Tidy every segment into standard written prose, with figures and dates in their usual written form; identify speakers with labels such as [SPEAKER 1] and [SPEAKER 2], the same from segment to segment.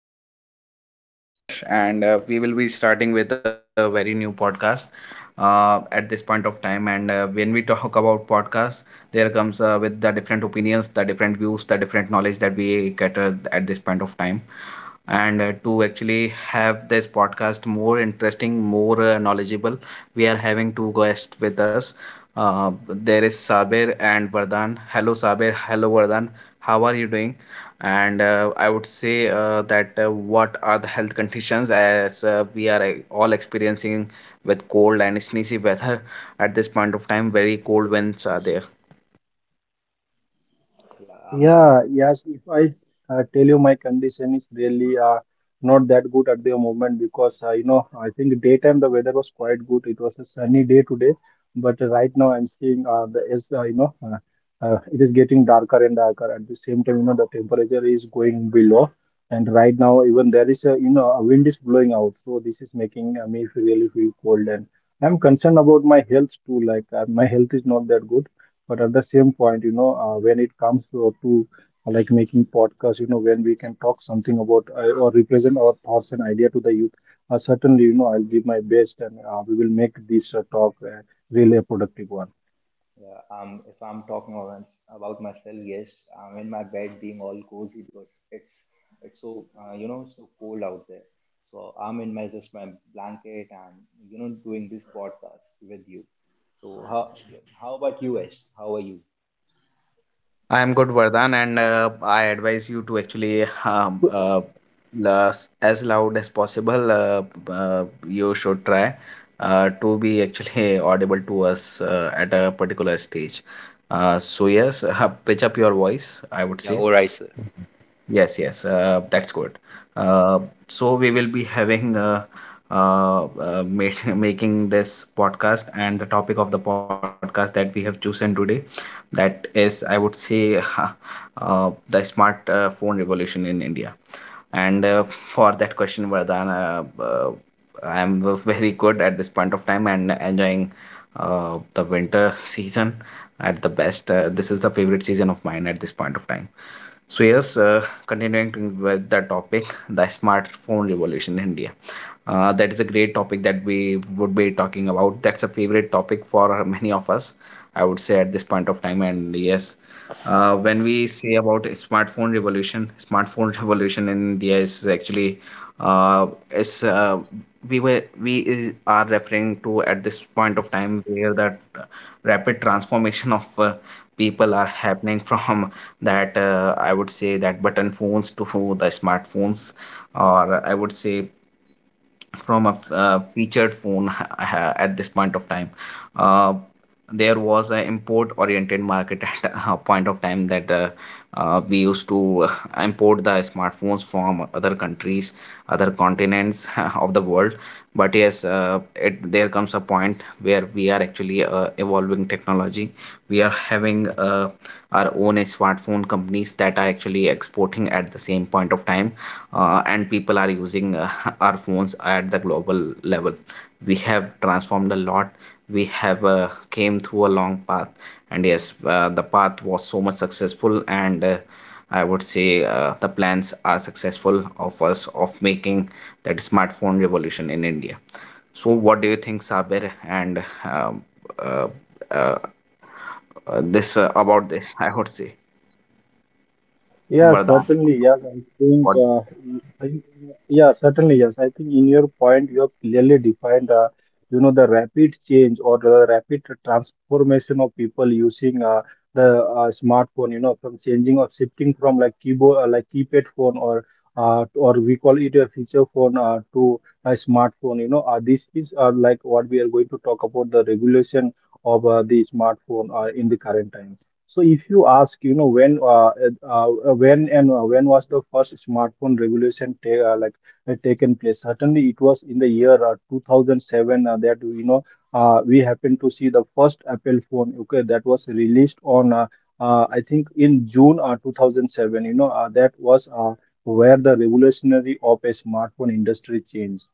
[SPEAKER 1] This is your host, Yash, and we will be starting with a very new podcast at this point of time. And when we talk about podcasts, there comes with the different opinions, the different views, the different knowledge that we cater at this point of time. And to actually have this podcast more interesting, more knowledgeable, we are having two guests with us. There is Sabir and Vardhan. Hello, Sabir. Hello, Vardhan. How are you doing? And I would say that what are the health conditions as we are all experiencing with cold and sneezy weather at this point of time? Very cold winds are there.
[SPEAKER 2] Yeah, um,
[SPEAKER 3] Yeah, yes, if I tell you my condition is really not that good at the moment because you know I think daytime the weather was quite good. It was a sunny day today, but right now I'm seeing the is you know it is getting darker and darker. At the same time, you know the temperature is going below, and right now even there is a you know a wind is blowing out, so this is making really feel cold and I'm concerned about my health too. Like my health is not that good but at the same point you know when it comes to like making podcasts you know when we can talk something about or represent our thoughts and idea to the youth certainly you know I'll give my best and we will make this talk really a productive one.
[SPEAKER 2] yeah, if I'm talking about myself, yes, I'm in my bed being all cozy because it's so so cold out there. So I'm in my just my blanket and doing this podcast with you. So how about you, Ash? How are you?
[SPEAKER 1] I am good, Vardhan, and I advise you to actually, as loud as possible, you should try to be actually audible to us at a particular stage. So, yes, pitch up your voice, I would
[SPEAKER 2] Yeah,
[SPEAKER 1] say.
[SPEAKER 2] all right, sir.
[SPEAKER 1] Yes, yes, that's good. Uh, so we will be having making this podcast, and the topic of the podcast that we have chosen today, that is, I would say, the smart phone revolution in India. And for that question, Vardhan, uh, uh, I am very good at this point of time and enjoying the winter season at the best. This is the favorite season of mine at this point of time. So yes, continuing with the topic, the smartphone revolution in India. That is a great topic that we would be talking about. That's a favorite topic for many of us, I would say, at this point of time. And yes, when we say about smartphone revolution, smartphone revolution in India is actually is we were we is, are referring to at this point of time where that rapid transformation of people are happening from that I would say that button phones to the smartphones, or I would say from a featured phone at this point of time. Uh, there was an import-oriented market at a point of time that we used to import the smartphones from other countries, other continents of the world. But yes, there comes a point where we are actually evolving technology. We are having our own smartphone companies that are actually exporting at the same point of time and people are using our phones at the global level. We have transformed a lot. We have came through a long path, and yes, the path was so much successful, and I would say the plans are successful of us of making that smartphone revolution in India. So what do you think, Sabir, and um, uh, uh, this
[SPEAKER 2] Yeah,
[SPEAKER 1] about this, I would say,
[SPEAKER 3] Yeah,
[SPEAKER 1] Vardhan?
[SPEAKER 3] certainly. Yes, I think.
[SPEAKER 1] What?
[SPEAKER 3] Uh, I, yeah, certainly. Yes, I think in your point you have clearly defined. You know, the rapid change or the rapid transformation of people using the smartphone. You know, from changing or shifting from like keyboard, like keypad phone, or we call it a feature phone to a smartphone. You know, this is like what we are going to talk about, the regulation of the smartphone in the current times. So if you ask, you know, when and when was the first smartphone revolution ta like taken place? Certainly, it was in the year 2007 that you know we happened to see the first Apple phone. Okay, that was released on I think in June 2007. You know, that was where the revolutionary of a smartphone industry changed.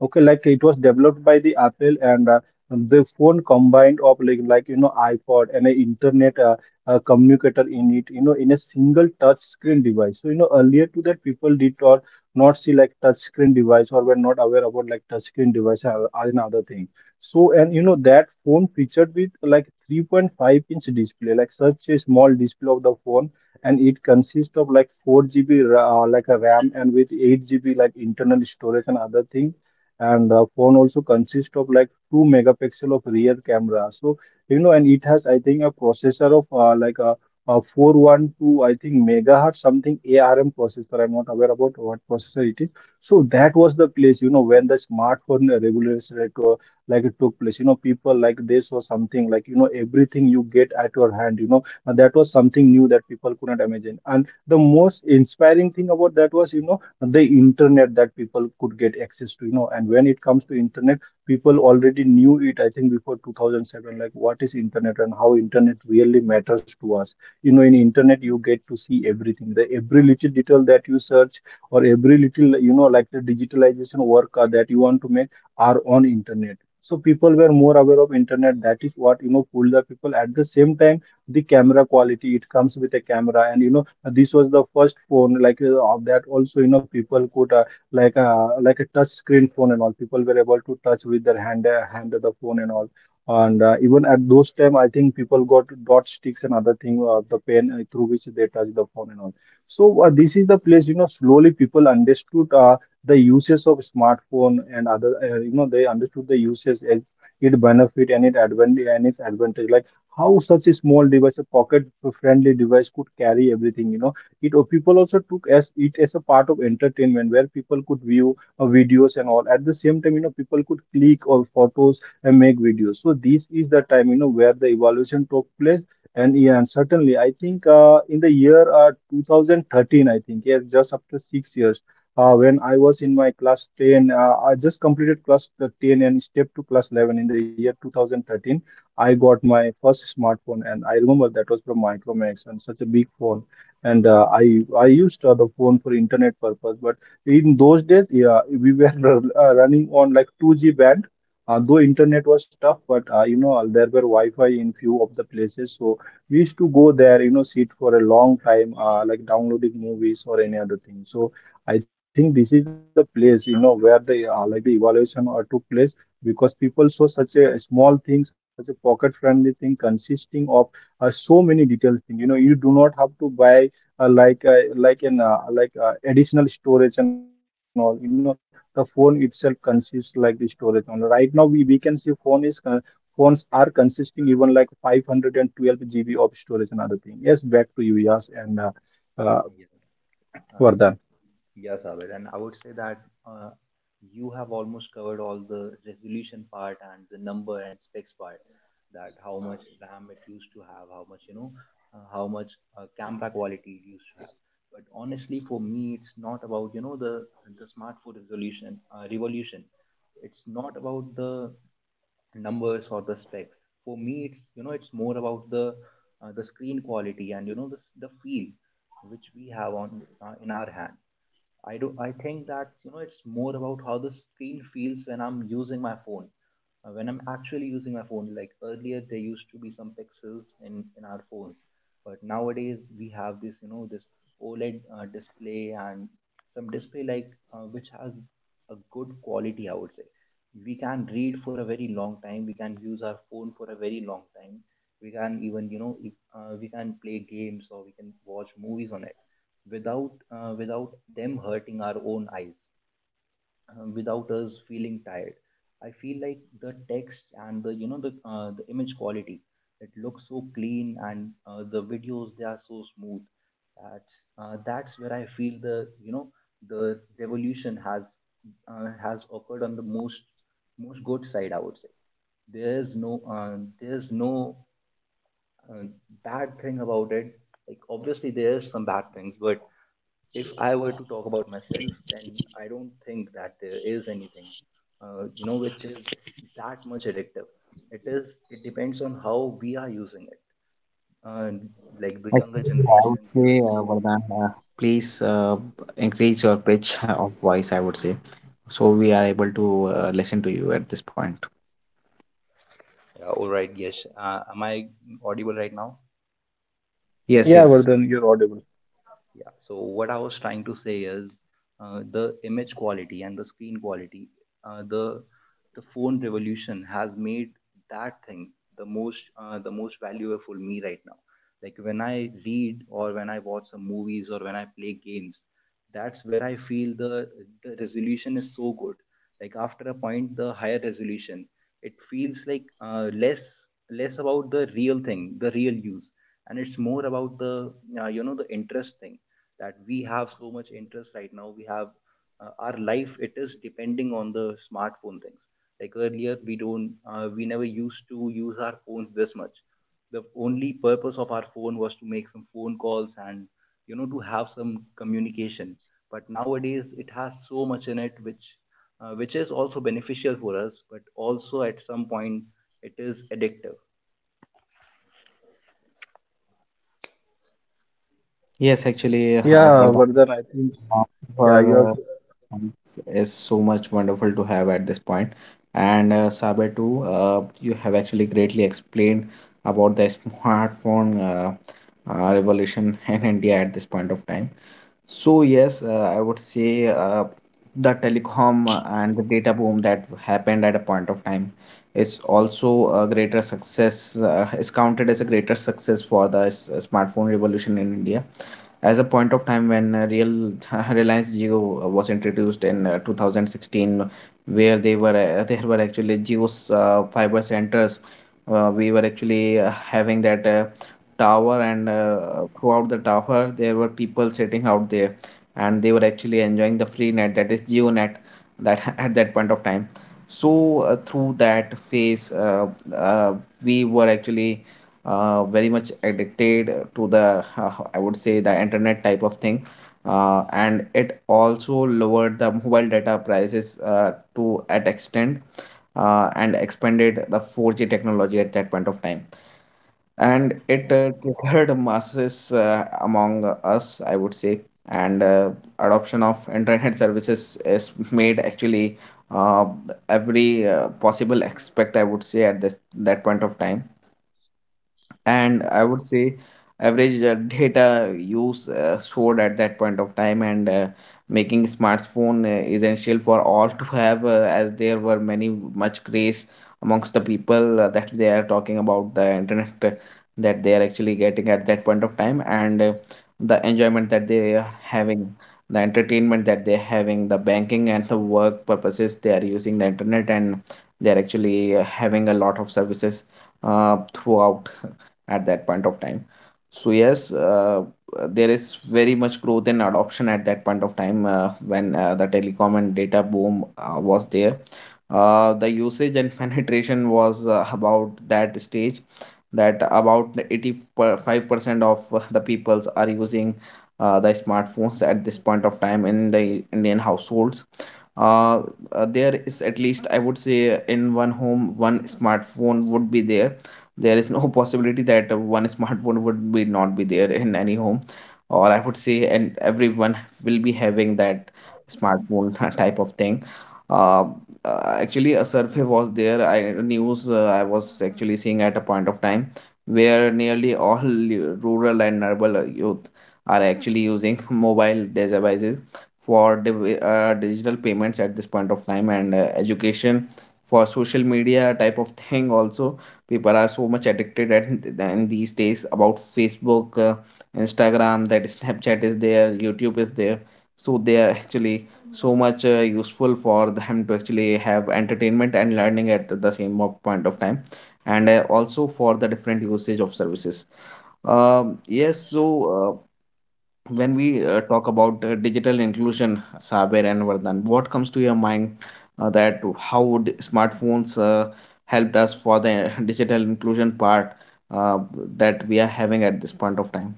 [SPEAKER 3] Okay, like it was developed by the Apple and the phone combined of like you know iPod and a internet a communicator in it, you know, in a single touch screen device. So you know earlier to that people did or not see like touch screen device, or were not aware about like touch screen device, and another thing. So and you know that phone featured with like 3.5-inch display, like such a small display of the phone, and it consists of like 4 GB like a RAM, and with 8 GB like internal storage and other thing, and the phone also consists of like 2 megapixel of rear camera. So you know, and it has, I think, a processor of a 412, I think, megahertz, something ARM processor. I'm not aware about what processor it is. So that was the place, you know, when the smartphone revolution like it took place. You know, people like this was something like, you know, everything you get at your hand, you know, and that was something new that people could not imagine. And the most inspiring thing about that was, you know, the internet that people could get access to, you know. And when it comes to internet, people already knew it, I think, before 2007, like what is internet and how internet really matters to us. You know, in internet you get to see everything, the every little detail that you search, or every little you know like the digitalization work that you want to make are on internet. So people were more aware of internet, that is what you know pulled the people. At the same time, the camera quality, it comes with a camera, and you know this was the first phone like of that also, you know people could like a touch screen phone and all. People were able to touch with their hand, the phone and all. And even at those time, I think people got dot sticks and other thing, the pen through which they touch the phone and all. So this is the place, you know, slowly people understood the uses of smartphone and other, you know, they understood the uses, it benefit and it advantage and its advantage. Like how such a small device, a pocket friendly device, could carry everything, you know. It or people also took as it as a part of entertainment, where people could view videos and all. At the same time, you know, people could click or photos and make videos. So this is the time, you know, where the evolution took place. And yeah, and certainly, I think in the year 2013, I think, yeah, just after 6 years, when I was in my class 10, I just completed class 10 and stepped to class 11 in the year 2013. I got my first smartphone, and I remember that was from Micromax, and such a big phone. And I used the phone for internet purpose. But in those days, yeah, we were running on like 2G band. Though internet was tough, but you know there were Wi-Fi in few of the places, so we used to go there, you know, sit for a long time, like downloading movies or any other thing. So I think this is the place, you know, where the like the evaluation took place, because people saw such a small thing, such a pocket-friendly thing, consisting of so many details thing. You know, you do not have to buy like additional storage and all. You know, the phone itself consists like the storage only. Right now we can see phone is phones are consisting even like 512 GB of storage and other thing. Yes, back to you. Yes, and uh,
[SPEAKER 2] yeah,
[SPEAKER 3] Vardhan.
[SPEAKER 2] yeah. Uh, Yes, Abid, and I would say that uh, you have almost covered all the resolution part and the number and specs part. That how much RAM it used to have, how much how much camera quality it used to have. But honestly, for me, it's not about the smartphone resolution revolution. It's not about the numbers or the specs. For me, it's it's more about the screen quality and the feel which we have on in our hand I do. I think that it's more about how the screen feels when I'm using my phone. When I'm actually using my phone, like earlier there used to be some pixels in our phones, but nowadays we have this you know this OLED display and some display which has a good quality. I would say we can read for a very long time. We can use our phone for a very long time. We can even you know if, we can play games or we can watch movies on it without them hurting our own eyes, without us feeling tired. I feel like the text and the you know the image quality, it looks so clean, and the videos, they are so smooth. That's that's where I feel the you know the revolution has occurred on the most most good side, I would say. There's no uh, bad thing about it, like obviously there's some bad things, but if I were to talk about myself, then I don't think that there is anything, which is that much addictive. It is. It depends on how we are using it. And like the younger
[SPEAKER 1] Actually, I would
[SPEAKER 2] generation, they are
[SPEAKER 1] say,
[SPEAKER 2] so.
[SPEAKER 1] Vardhan, please increase your pitch of voice, I would say, so we are able to listen to you at this point.
[SPEAKER 2] Yeah, all right. Yes. Am I audible right now?
[SPEAKER 1] Yes,
[SPEAKER 3] Yeah,
[SPEAKER 1] yes.
[SPEAKER 3] Vardhan, you're audible.
[SPEAKER 2] Yeah, so what I was trying to say is, the image quality and the screen quality, uh, the the phone revolution has made that thing the most, the most valuable for me right now. Like when I read or when I watch some movies or when I play games, that's where I feel the resolution is so good. Like after a point, the higher resolution it feels like less less about the real thing, the real use, and it's more about the the interest thing, that we have so much interest right now. We have our life, it is depending on the smartphone things. Like earlier we don't we never used to use our phones this much. The only purpose of our phone was to make some phone calls and to have some communication, but nowadays it has so much in it which is also beneficial for us but also at some point it is addictive.
[SPEAKER 1] Yes, actually,
[SPEAKER 3] Yeah,
[SPEAKER 1] Vardhan,
[SPEAKER 3] Vardhan, I think.
[SPEAKER 1] uh,
[SPEAKER 3] Yeah, you
[SPEAKER 1] your comments is so much wonderful to have at this point. And Saber too, you have actually greatly explained about the smartphone revolution in India at this point of time. So yes, I would say the telecom and the data boom that happened at a point of time is also a greater success, is counted as a greater success for the smartphone revolution in India. As a point of time when Real Reliance Jio was introduced in 2016, where they were there were actually Jio's fiber centers. We were actually having that. Tower, and throughout the tower there were people sitting out there, and they were actually enjoying the free net, that is GeoNet, that at that point of time. So through that phase, uh, we were actually very much addicted to the, I would say, the internet type of thing, and it also lowered the mobile data prices to at extent, and expanded the 4G technology at that point of time. And it triggered masses among us, I would say. And adoption of internet services is made actually uh, every possible aspect, I would say, at this that point of time. And I would say average data use stored at that point of time, and making smartphone essential for all to have, as there were many much craze amongst the people that they are talking about the internet that they are actually getting at that point of time, and the enjoyment that they are having, the entertainment that they're having, the banking and the work purposes they are using the internet, and they're actually having a lot of services throughout at that point of time. So yes, there is very much growth and adoption at that point of time when the telecom and data boom was there. The usage and penetration was about that stage, that about 85% of the peoples are using the smartphones at this point of time in the Indian households. uh, there is at least, I would say, in one home one smartphone would be there. There is no possibility that one smartphone would be not be there in any home, or I would say, and everyone will be having that smartphone type of thing. uh, Actually a survey was there. I news, I was actually seeing at a point of time where nearly all rural and urban youth are actually using mobile devices for digital payments at this point of time, and education, for social media type of thing also. People are so much addicted at in these days about Facebook, Instagram, that Snapchat is there, YouTube is there. So they are actually so much useful for them to actually have entertainment and learning at the same point of time, and also for the different usage of services. Yes, so uh, when we talk about digital inclusion, Saber and Vardhan, what comes to your mind, that how would smartphones helped us for the digital inclusion part uh, that we are having at this point of time?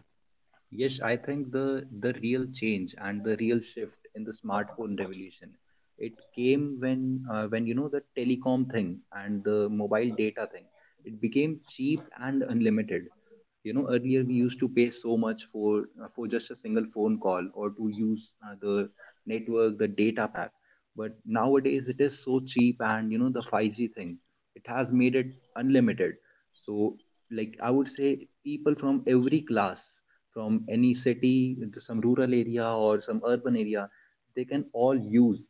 [SPEAKER 2] Yes, I think the real change and the real shift in the smartphone revolution, it came when the telecom thing and the mobile data thing, it became cheap and unlimited. You know, earlier we used to pay so much for just a single phone call or to use the network, the data pack, but nowadays it is so cheap and the 5G thing, it has made it unlimited. So like I would say people from every class, from any city into some rural area or some urban area, they can all use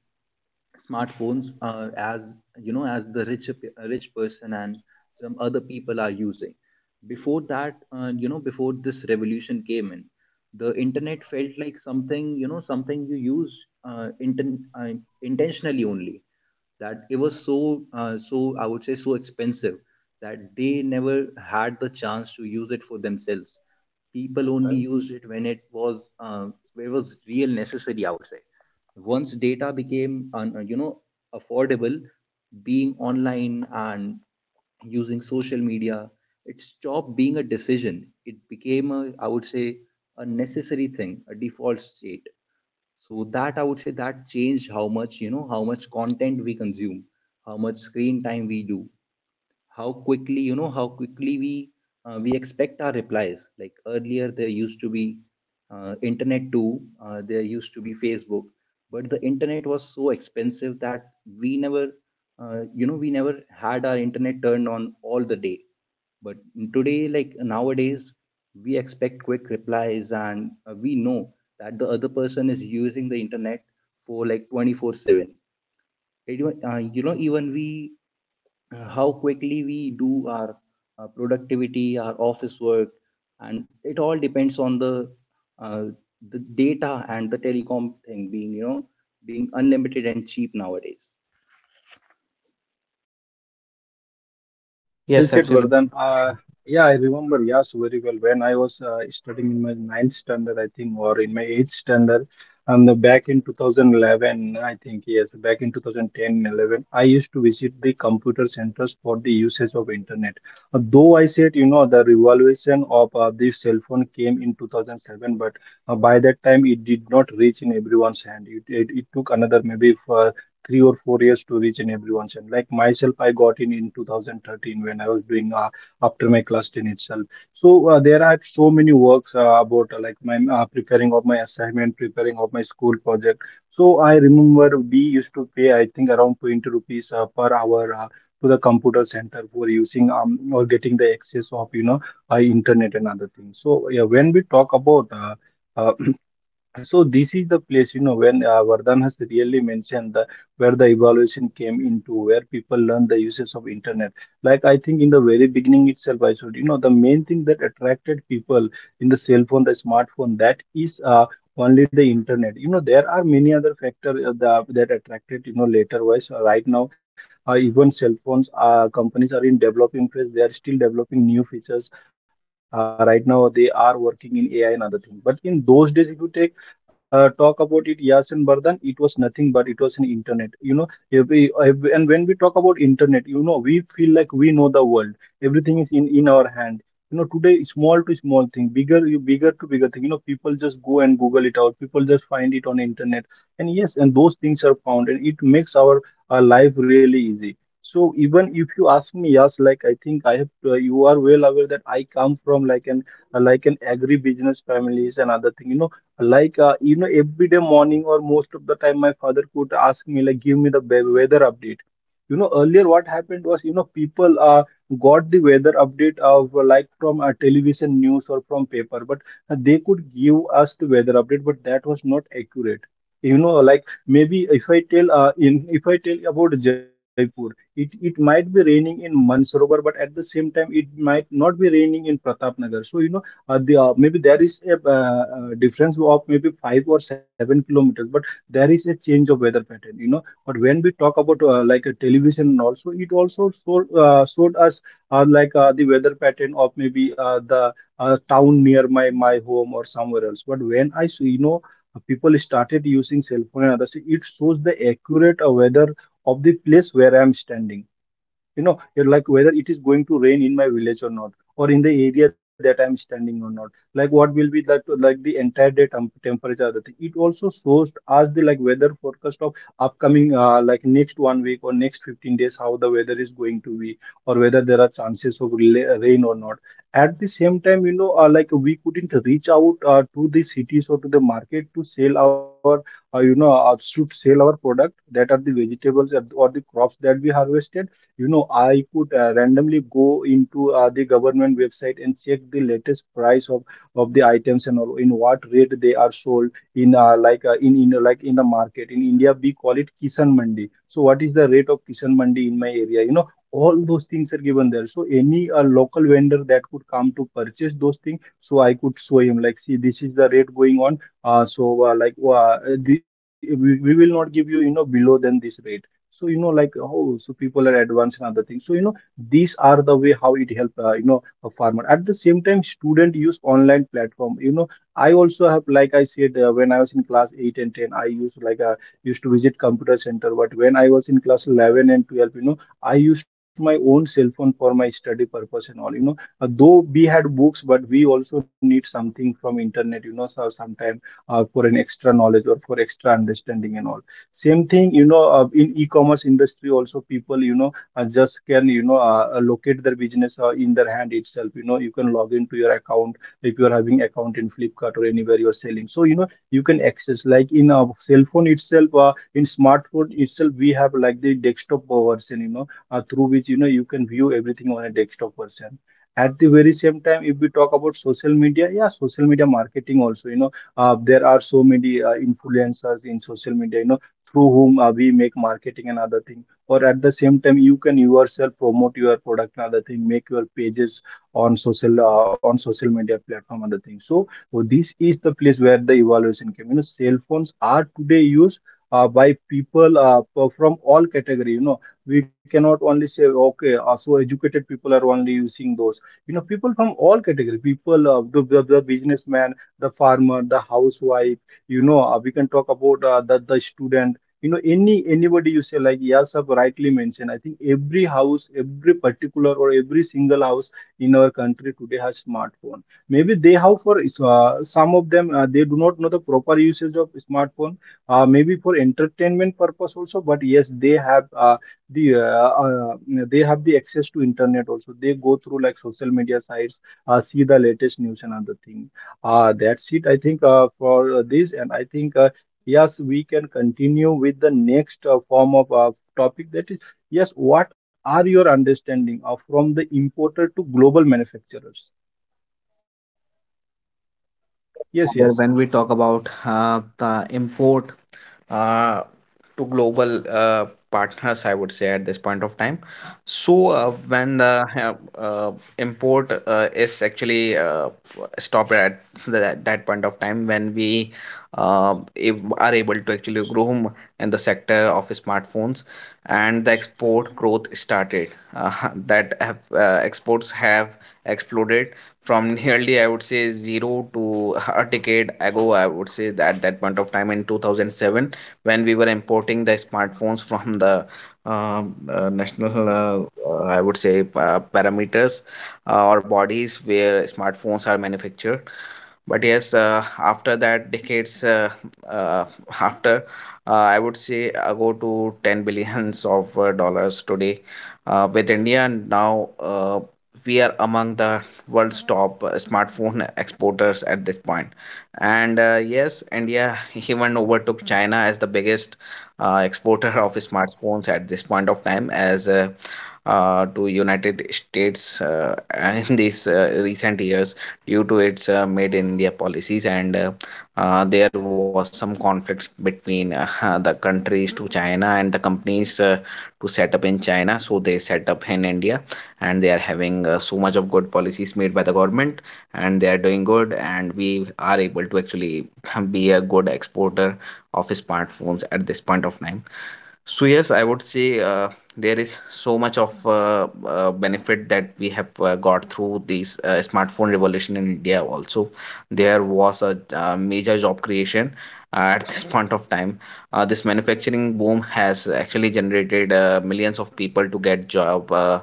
[SPEAKER 2] smartphones as as the rich person and some other people are using. Before that, before this revolution came in, the internet felt like something, something you used, uh, inten- uh, intentionally only, that it was so, so I would say so expensive that they never had the chance to use it for themselves. People only
[SPEAKER 3] have.
[SPEAKER 2] used it when it was real necessary, I would say. Once data became affordable, being online and using social media, it stopped being a decision, it became a, I would say, a necessary thing, a default state. So that, I would say, that changed how much, how much content we consume, how much screen time we do, how quickly, how quickly we expect our replies. Like earlier there used to be, internet too, there used to be Facebook, but the internet was so expensive that we never, we never had our internet turned on all the day. But today, like nowadays, we expect quick replies and we know that the other person is using the internet for like 24/7. It even we, how quickly we do our productivity, our office work, and it all depends on uh, the data and the telecom thing being, being unlimited and cheap nowadays.
[SPEAKER 3] Yeah, well
[SPEAKER 1] Yes,
[SPEAKER 3] said,
[SPEAKER 1] absolutely.
[SPEAKER 3] Vardhan. Yeah, I remember, yes, very well. When I was studying in my ninth standard, I think, or in my eighth standard, the back in 2011, I think, yes, back in 2010 11, I used to visit the computer centers for the usage of internet. Though I said, you know, the revolution of the cell phone came in 2007, but by that time it did not reach in everyone's hand. It took another maybe 3 or 4 years to reach in everyone's end. Like myself, I got in 2013 when I was doing after my class 10 itself. So there are so many works about like my preparing of my assignment, preparing of my school project. So I remember we used to pay, I think, around 20 rupees per hour to the computer center for using or getting the access of, you know, internet and other things. So yeah, when we talk about uh, so this is the place, you know, when Vardhan has really mentioned the, where the evaluation came into, where people learn the uses of internet. Like I think in the very beginning itself, I should, you know, the main thing that attracted people in the cell phone, the smartphone, that is only the internet. You know, there are many other factors that attracted, you know, later wise. Right now, even cell phones, companies are in developing phase. They are still developing new features. Right now, they are working in AI and other things. But in those days, if you take talk about it yasin Bardhan, it was nothing but it was an internet. You know, and when we talk about internet you know we feel like we know the world, everything is in our hand. You know, today small to small thing, bigger bigger to bigger thing, you know people just go and google it out, people just find it on internet. And yes, and those things are found, and it makes our life really easy. So even if you ask me, yes, like I think I have you are well aware that I come from like an agri business families and other thing, you know, like, you know, every day morning or most of the time, my father could ask me, like, give me the weather update. You know, earlier what happened was, you know, people got the weather update of like from a television news or from paper, but they could give us the weather update, but that was not accurate. You know, like maybe if I tell in if I tell about Jaipur, it might be raining in Mansarovar, but at the same time, it might not be raining in Pratapnagar. So maybe there is a difference of maybe 5 or 7 kilometers, but there is a change of weather pattern, you know. But when we talk about like a television, and also it also showed us the weather pattern of maybe the town near my home or somewhere else. But when I see, you know, people started using cell phone and others, it shows the accurate weather of the place where I am standing, you know, like whether it is going to rain in my village or not, or in the area that I'm standing or not, like what will be that, like the entire day temperature, the thing. It also shows us the, like, weather forecast of upcoming, like, next one week or next 15 days, how the weather is going to be, or whether there are chances of rain or not. At the same time, you know, like, we couldn't reach out to the cities or to the market to sell our, should sell our product, that are the vegetables or the crops that we harvested. You know, I could randomly go into the government website and check the latest price of the items and all, in what rate they are sold in, like in the market. In India, we call it Kisan Mandi. So, what is the rate of Kisan Mandi in my area? You know, all those things are given there. So, any local vendor that could come to purchase those things, so I could show him like, see, this is the rate going on. We will not give you, you know, below than this rate. So, you know, like, oh, so people are advanced in other things, so you know, these are the way how it help, you know, a farmer. At the same time, student use online platform, you know, I also have, like I said, when I was in class 8 and 10, I used, used to visit computer center, but when I was in class 11 and 12, you know, I used my own cell phone for my study purpose and all, you know. Though we had books, but we also need something from internet, you know. So sometime for an extra knowledge or for extra understanding and all, same thing, you know, in e-commerce industry also, people, you know, just can, you know, locate their business in their hand itself. You know, you can log into your account if you are having account in Flipkart or anywhere you're selling, so you know, you can access, like, in a cell phone itself, in smartphone itself, we have like the desktop version, you know, through which, you know, you can view everything on a desktop version. At the very same time, if we talk about social media, yeah, social media marketing also, you know, there are so many influencers in social media, you know, through whom we make marketing and other thing. Or at the same time, you can yourself promote your product and other thing, make your pages on social media platform, other thing. So, oh, this is the place where the evaluation came, you know. Cell phones are today used by people, from all category, you know. We cannot only say, okay, so educated people are only using those. You know, people from all category, people, the businessman, the farmer, the housewife, you know, we can talk about the student, you know, anybody you say, like yes, have rightly mentioned. I think every house, every particular, or every single house in our country today has smartphone. Maybe they have, for some of them, they do not know the proper usage of smartphone. Maybe for entertainment purpose also, but yes, they have, the uh, uh, they have the access to internet also. They go through like social media sites, see the latest news and other thing. That's it, I think, for this. And I think, yes, we can continue with the next form of topic. That is, yes, what are your understanding of, from the importer to global manufacturers? Yes, yes.
[SPEAKER 1] Other, when we talk about the import uh, to global partners, I would say at this point of time. So when the uh, import is actually stopped at that point of time, when we are able to actually groom in the sector of smartphones, and the export growth started. Uh, that have exports have exploded from nearly, I would say, zero to a decade ago. I would say that that point of time in 2007, when we were importing the smartphones from the national I would say parameters or bodies where smartphones are manufactured. But yes, after that decades, uh, after I would say go to 10 billions of dollars today, with India now, we are among the world's top smartphone exporters at this point. And yes, India even overtook China as the biggest exporter of smartphones at this point of time, as to United States in these recent years due to its made in India policies, and there was some conflicts between the countries to China, and the companies to set up in China, so they set up in India. And they are having so much of good policies made by the government, and they are doing good, and we are able to actually be a good exporter of smartphones at this point of time. So yes, I would say there is so much of benefit that we have got through this smartphone revolution in India. Also, there was a major job creation at this point of time. This manufacturing boom has actually generated millions of people to get job. Uh,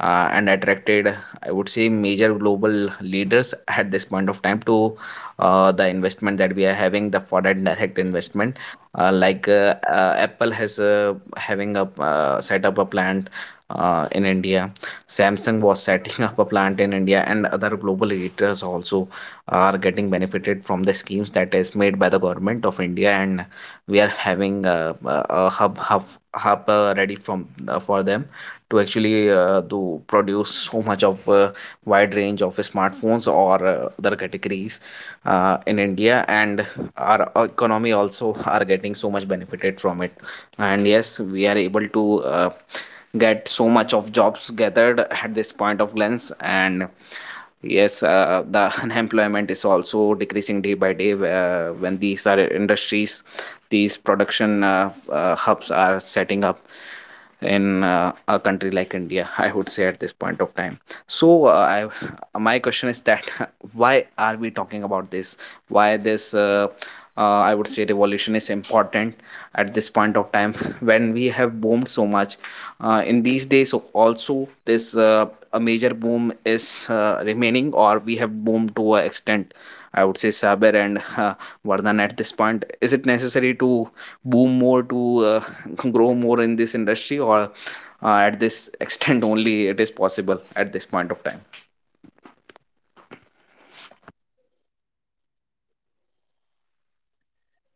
[SPEAKER 1] uh, and attracted, I would say, major global leaders at this point of time to the investment that we are having, the foreign direct investment like Apple has having a set up a plant in India. Samsung was setting up a plant in India, and other global leaders also are getting benefited from the schemes that is made by the government of India, and we are having a a hub ready from for them to actually to produce so much of wide range of smartphones or other categories in India, and our economy also are getting so much benefited from it. And yes, we are able to get so much of jobs gathered at this point of glance, and yes, the unemployment is also decreasing day by day. When these are industries, these production hubs are setting up in a country like India, I would say at this point of time. so uh, my question is that why are we talking about this? Why this I would say revolution is important at this point of time when we have boomed so much in these days? Also, this a major boom is remaining, or we have boomed to an extent, I would say. Saber and Vardhan, at this point, is it necessary to boom more to grow more in this industry, or at this extent only it is possible at this point of time?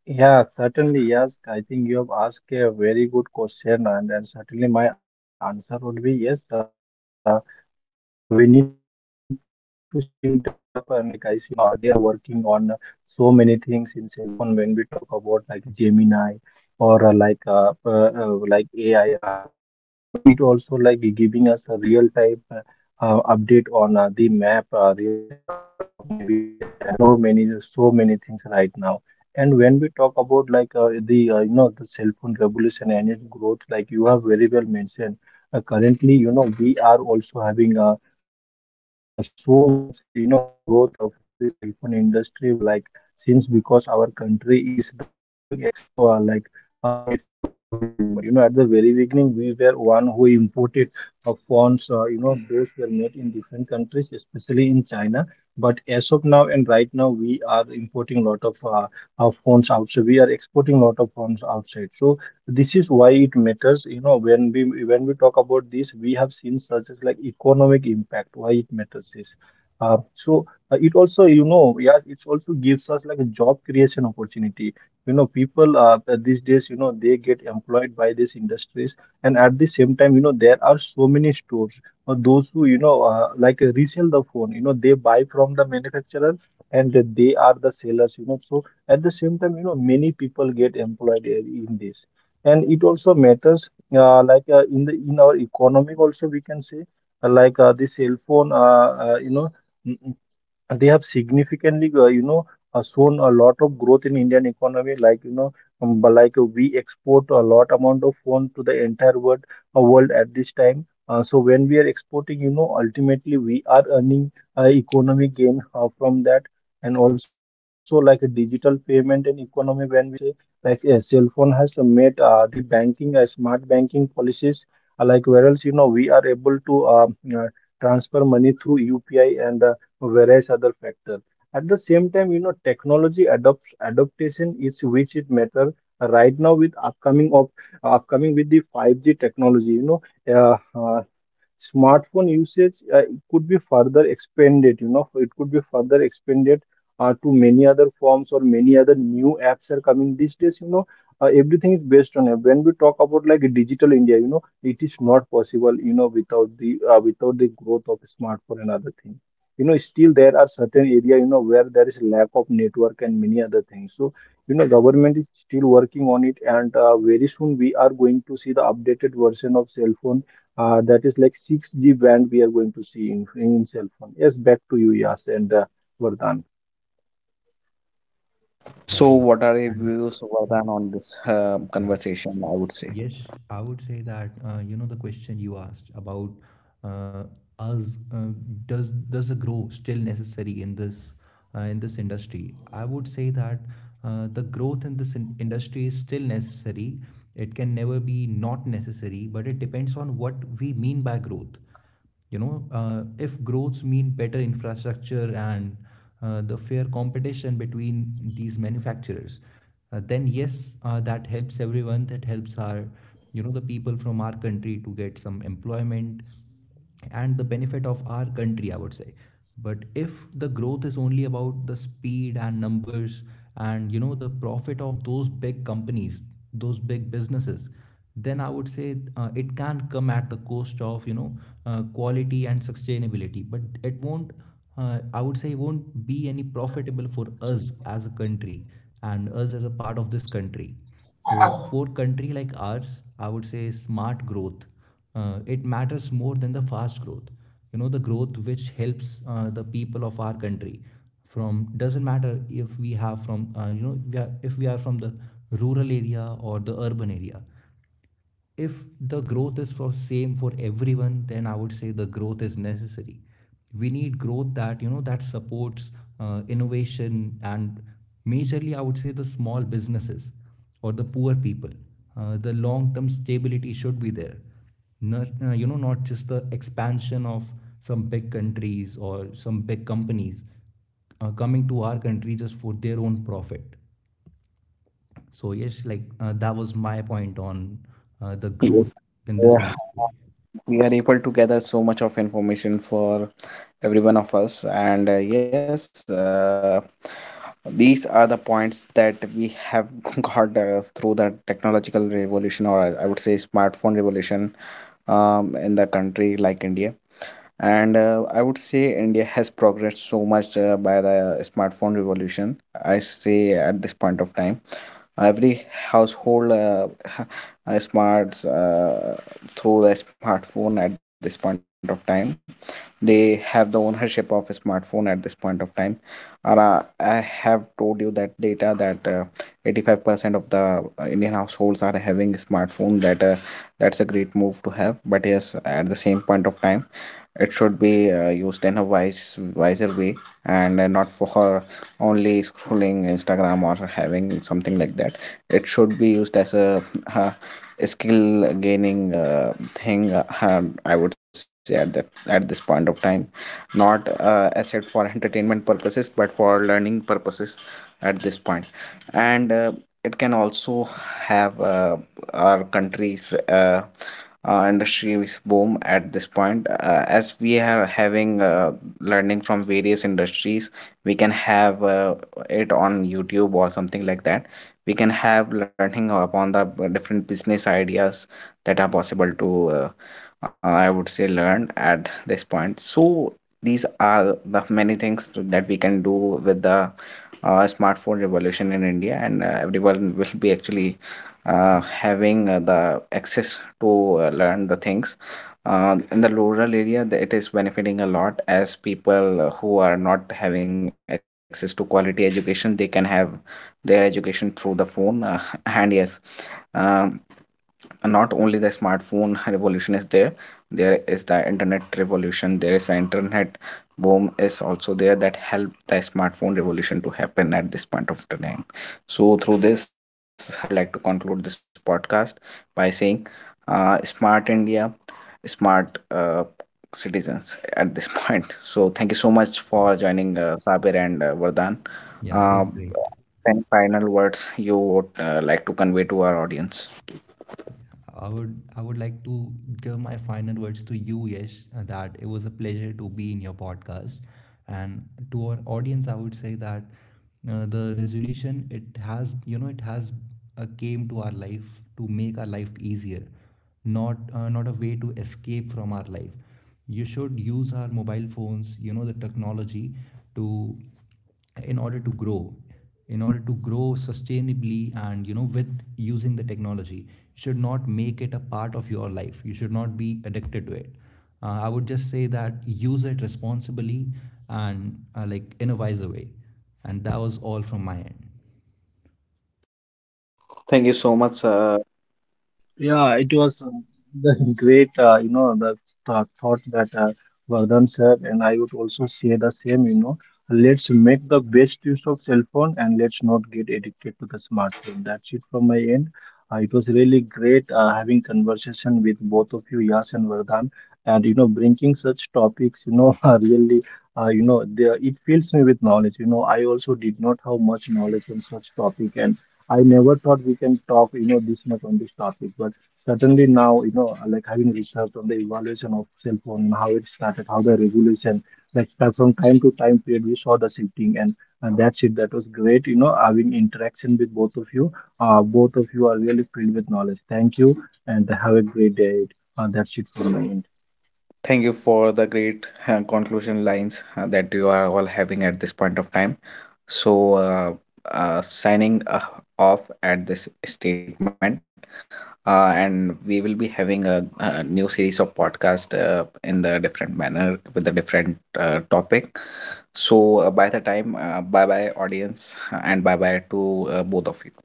[SPEAKER 3] Yeah, certainly, yes. I think you have asked a very good question, and then certainly my answer would be yes. We need to still develop, and like I said, you know, they are working on so many things in cell phone when we talk about like Gemini or like AI and other things, or it also like giving us a real time update on the map, real time update of navigation, and you know, so many things right now. And when we talk about like the you know, the cell phone revolution and its growth, like you have very well mentioned, currently you know, we are also having so much, you know, growth of, from the cell phone industry. Like, since because our country is the leading exporter at this moment. You know, at the very beginning, we were one who imported phones. You know, those were made in different countries, especially in China. But as of now and right now, we are importing a lot of, phones outside, we are exporting lot of phones outside. So this is why it matters, you know, when we talk about this, we have seen such as like economic impact. Why it matters is, uh, so it also, you know, yes, it also gives us like a job creation opportunity, you know. People, these days, you know, they get employed by these industries. And at the same time, you know, there are so many stores, or those who, you know, resell the phone, you know, they buy from the manufacturer, and that they are the sellers, you know. So at the same time, you know, many people get employed in this. And it also matters in the, in our economic also, we can say, the cell phone, you know, and they have significantly, you know, shown a lot of growth in Indian economy, like, you know. But we export a lot amount of phone to the entire world at this time. Uh, so when we are exporting, you know, ultimately we are earning economic gain from that. And also, like a digital payment and economy, when we say, like, a cell phone has made the banking, smart banking policies, whereas, you know, we are able to transfer money through UPI and various other factors. At the same time, you know, technology adopts adaptation is which it matter right now with upcoming with the 5G technology. You know, uh, uh, smartphone usage, it could be further expanded you know it could be further expanded to many other forms. Or many other new apps are coming these days, you know, everything is based on app. When we talk about like digital India, you know, it is not possible, you know, without the without the growth of smartphone and other thing, you know. Still there are certain area, you know, where there is lack of network and many other things. So, you know, government is still working on it, and very soon we are going to see the updated version of cell phone, that is like 6G band we are going to see in cell phone. Yes, back to you, Yas and Vardhan.
[SPEAKER 2] Yeah,
[SPEAKER 1] So,
[SPEAKER 2] exactly.
[SPEAKER 1] what are your
[SPEAKER 2] And
[SPEAKER 1] views, Vardhan, on this
[SPEAKER 2] yeah,
[SPEAKER 1] conversation? I would say
[SPEAKER 2] yes, I would say that the question you asked about, uh, us does the grow still necessary in this, in this industry? I would say that the growth in this industry is still necessary. It can never be not necessary, but it depends on what we mean by growth. You know, if growths mean better infrastructure and the fair competition between these manufacturers, then yes, that helps everyone, that helps our, the people from our country, to get some employment and the benefit of our country, I would say. But if the growth is only about the speed and numbers and the profit of those big companies, those big businesses, then I would say it can come at the cost of, quality and sustainability, but it won't. I would say it won't be any profitable for us as a country and us as a part of this country. So for country like ours, I would say smart growth, it matters more than the fast growth. You know, the growth which helps the people of our country, from doesn't matter if we have from, we are, if we are from the rural area or the urban area, if the growth is for same for everyone, then I would say the growth is necessary. We need growth that, that supports innovation and majorly, I would say, the small businesses or the poor people. Uh, the long term stability should be there, not, not just the expansion of some big countries or some big companies coming to our country just for their own profit. So yes, that was my point on the growth
[SPEAKER 1] yes,
[SPEAKER 2] in this
[SPEAKER 1] yeah,
[SPEAKER 2] industry.
[SPEAKER 1] we are able to gather so much of information for every one of us, and yes, these are the points that we have got through the technological revolution, or I would say smartphone revolution, in the country like India. And I would say India has progressed so much by the smartphone revolution. I say at this point of time every household smarts through the smartphone at this point of time they have the ownership of a smartphone at this point of time. And, I have told you that data that 85% of the Indian households are having a smartphone. That that's a great move to have, but yes, at the same point of time it should be used in a wiser way, and not for only scrolling Instagram or having something like that. It should be used as a, uh skill gaining thing, and I would say at this point of time, not asset for entertainment purposes but for learning purposes at this point. And it can also have our country's industry is boom at this point as we are having learning from various industries. We can have it on YouTube or something like that. We can have learning upon the different business ideas that are possible to I would say learn at this point. So these are the many things that we can do with the smartphone revolution in India, and everyone will be actually having the access to learn the things in the rural area. It is benefiting a lot, as people who are not having access to quality education, they can have their education through the phone and yes. um, and not only the smartphone revolution is there, there is the internet revolution, there is an internet boom is also there, that help the smartphone revolution to happen at this point of time. So through this I would like to conclude this podcast by saying smart India, smart citizens at this point. So thank you so much for
[SPEAKER 2] Yeah,
[SPEAKER 1] joining, Sabir and Vardhan.
[SPEAKER 2] yeah, it
[SPEAKER 1] uh,
[SPEAKER 2] was great.
[SPEAKER 1] any final words you would like to convey to our audience?
[SPEAKER 2] I would like to give my final words to you, Yes, that it was a pleasure to be in your podcast, and to our audience, I would say that the resolution, it has, it has came to our life to make our life easier, not, not a way to escape from our life. You should use our mobile phones, you know, the technology to, in order to grow, in order to grow sustainably, and you know, with using the technology, you should not make it a part of your life, you should not be addicted to it. I would just say that use it responsibly and like in a wiser way, and that was all from my end.
[SPEAKER 1] Thank you so much.
[SPEAKER 3] Yeah, it was the great, you know, the th thought that Vardhan said, and I would also say the same, you know, let's make the best use of cell phone, and let's not get addicted to the smartphone. That's it from my end. It was really great having conversation with both of you, Yas and Vardhan, and you know, bringing such topics, you know, are really, you know, there it fills me with knowledge. You know, I also did not have much knowledge on such topic, and I never thought we can talk, you know, this much on this topic. But certainly now, you know, like having researched on the evolution of cell phone, and how it started, how the revolution, like, start from time to time period, we saw the shifting, and that's it. That was great, you know, having interaction with both of you. Both of you are really filled with knowledge. Thank you, and have a great day. That's it from my
[SPEAKER 1] Thank
[SPEAKER 3] end.
[SPEAKER 1] you for the great conclusion lines that you are all having at this point of time. So, signing off at this statement, and we will be having a new series of podcast in the different manner with a different topic. So, by the time, bye bye, audience, and bye bye to both of you.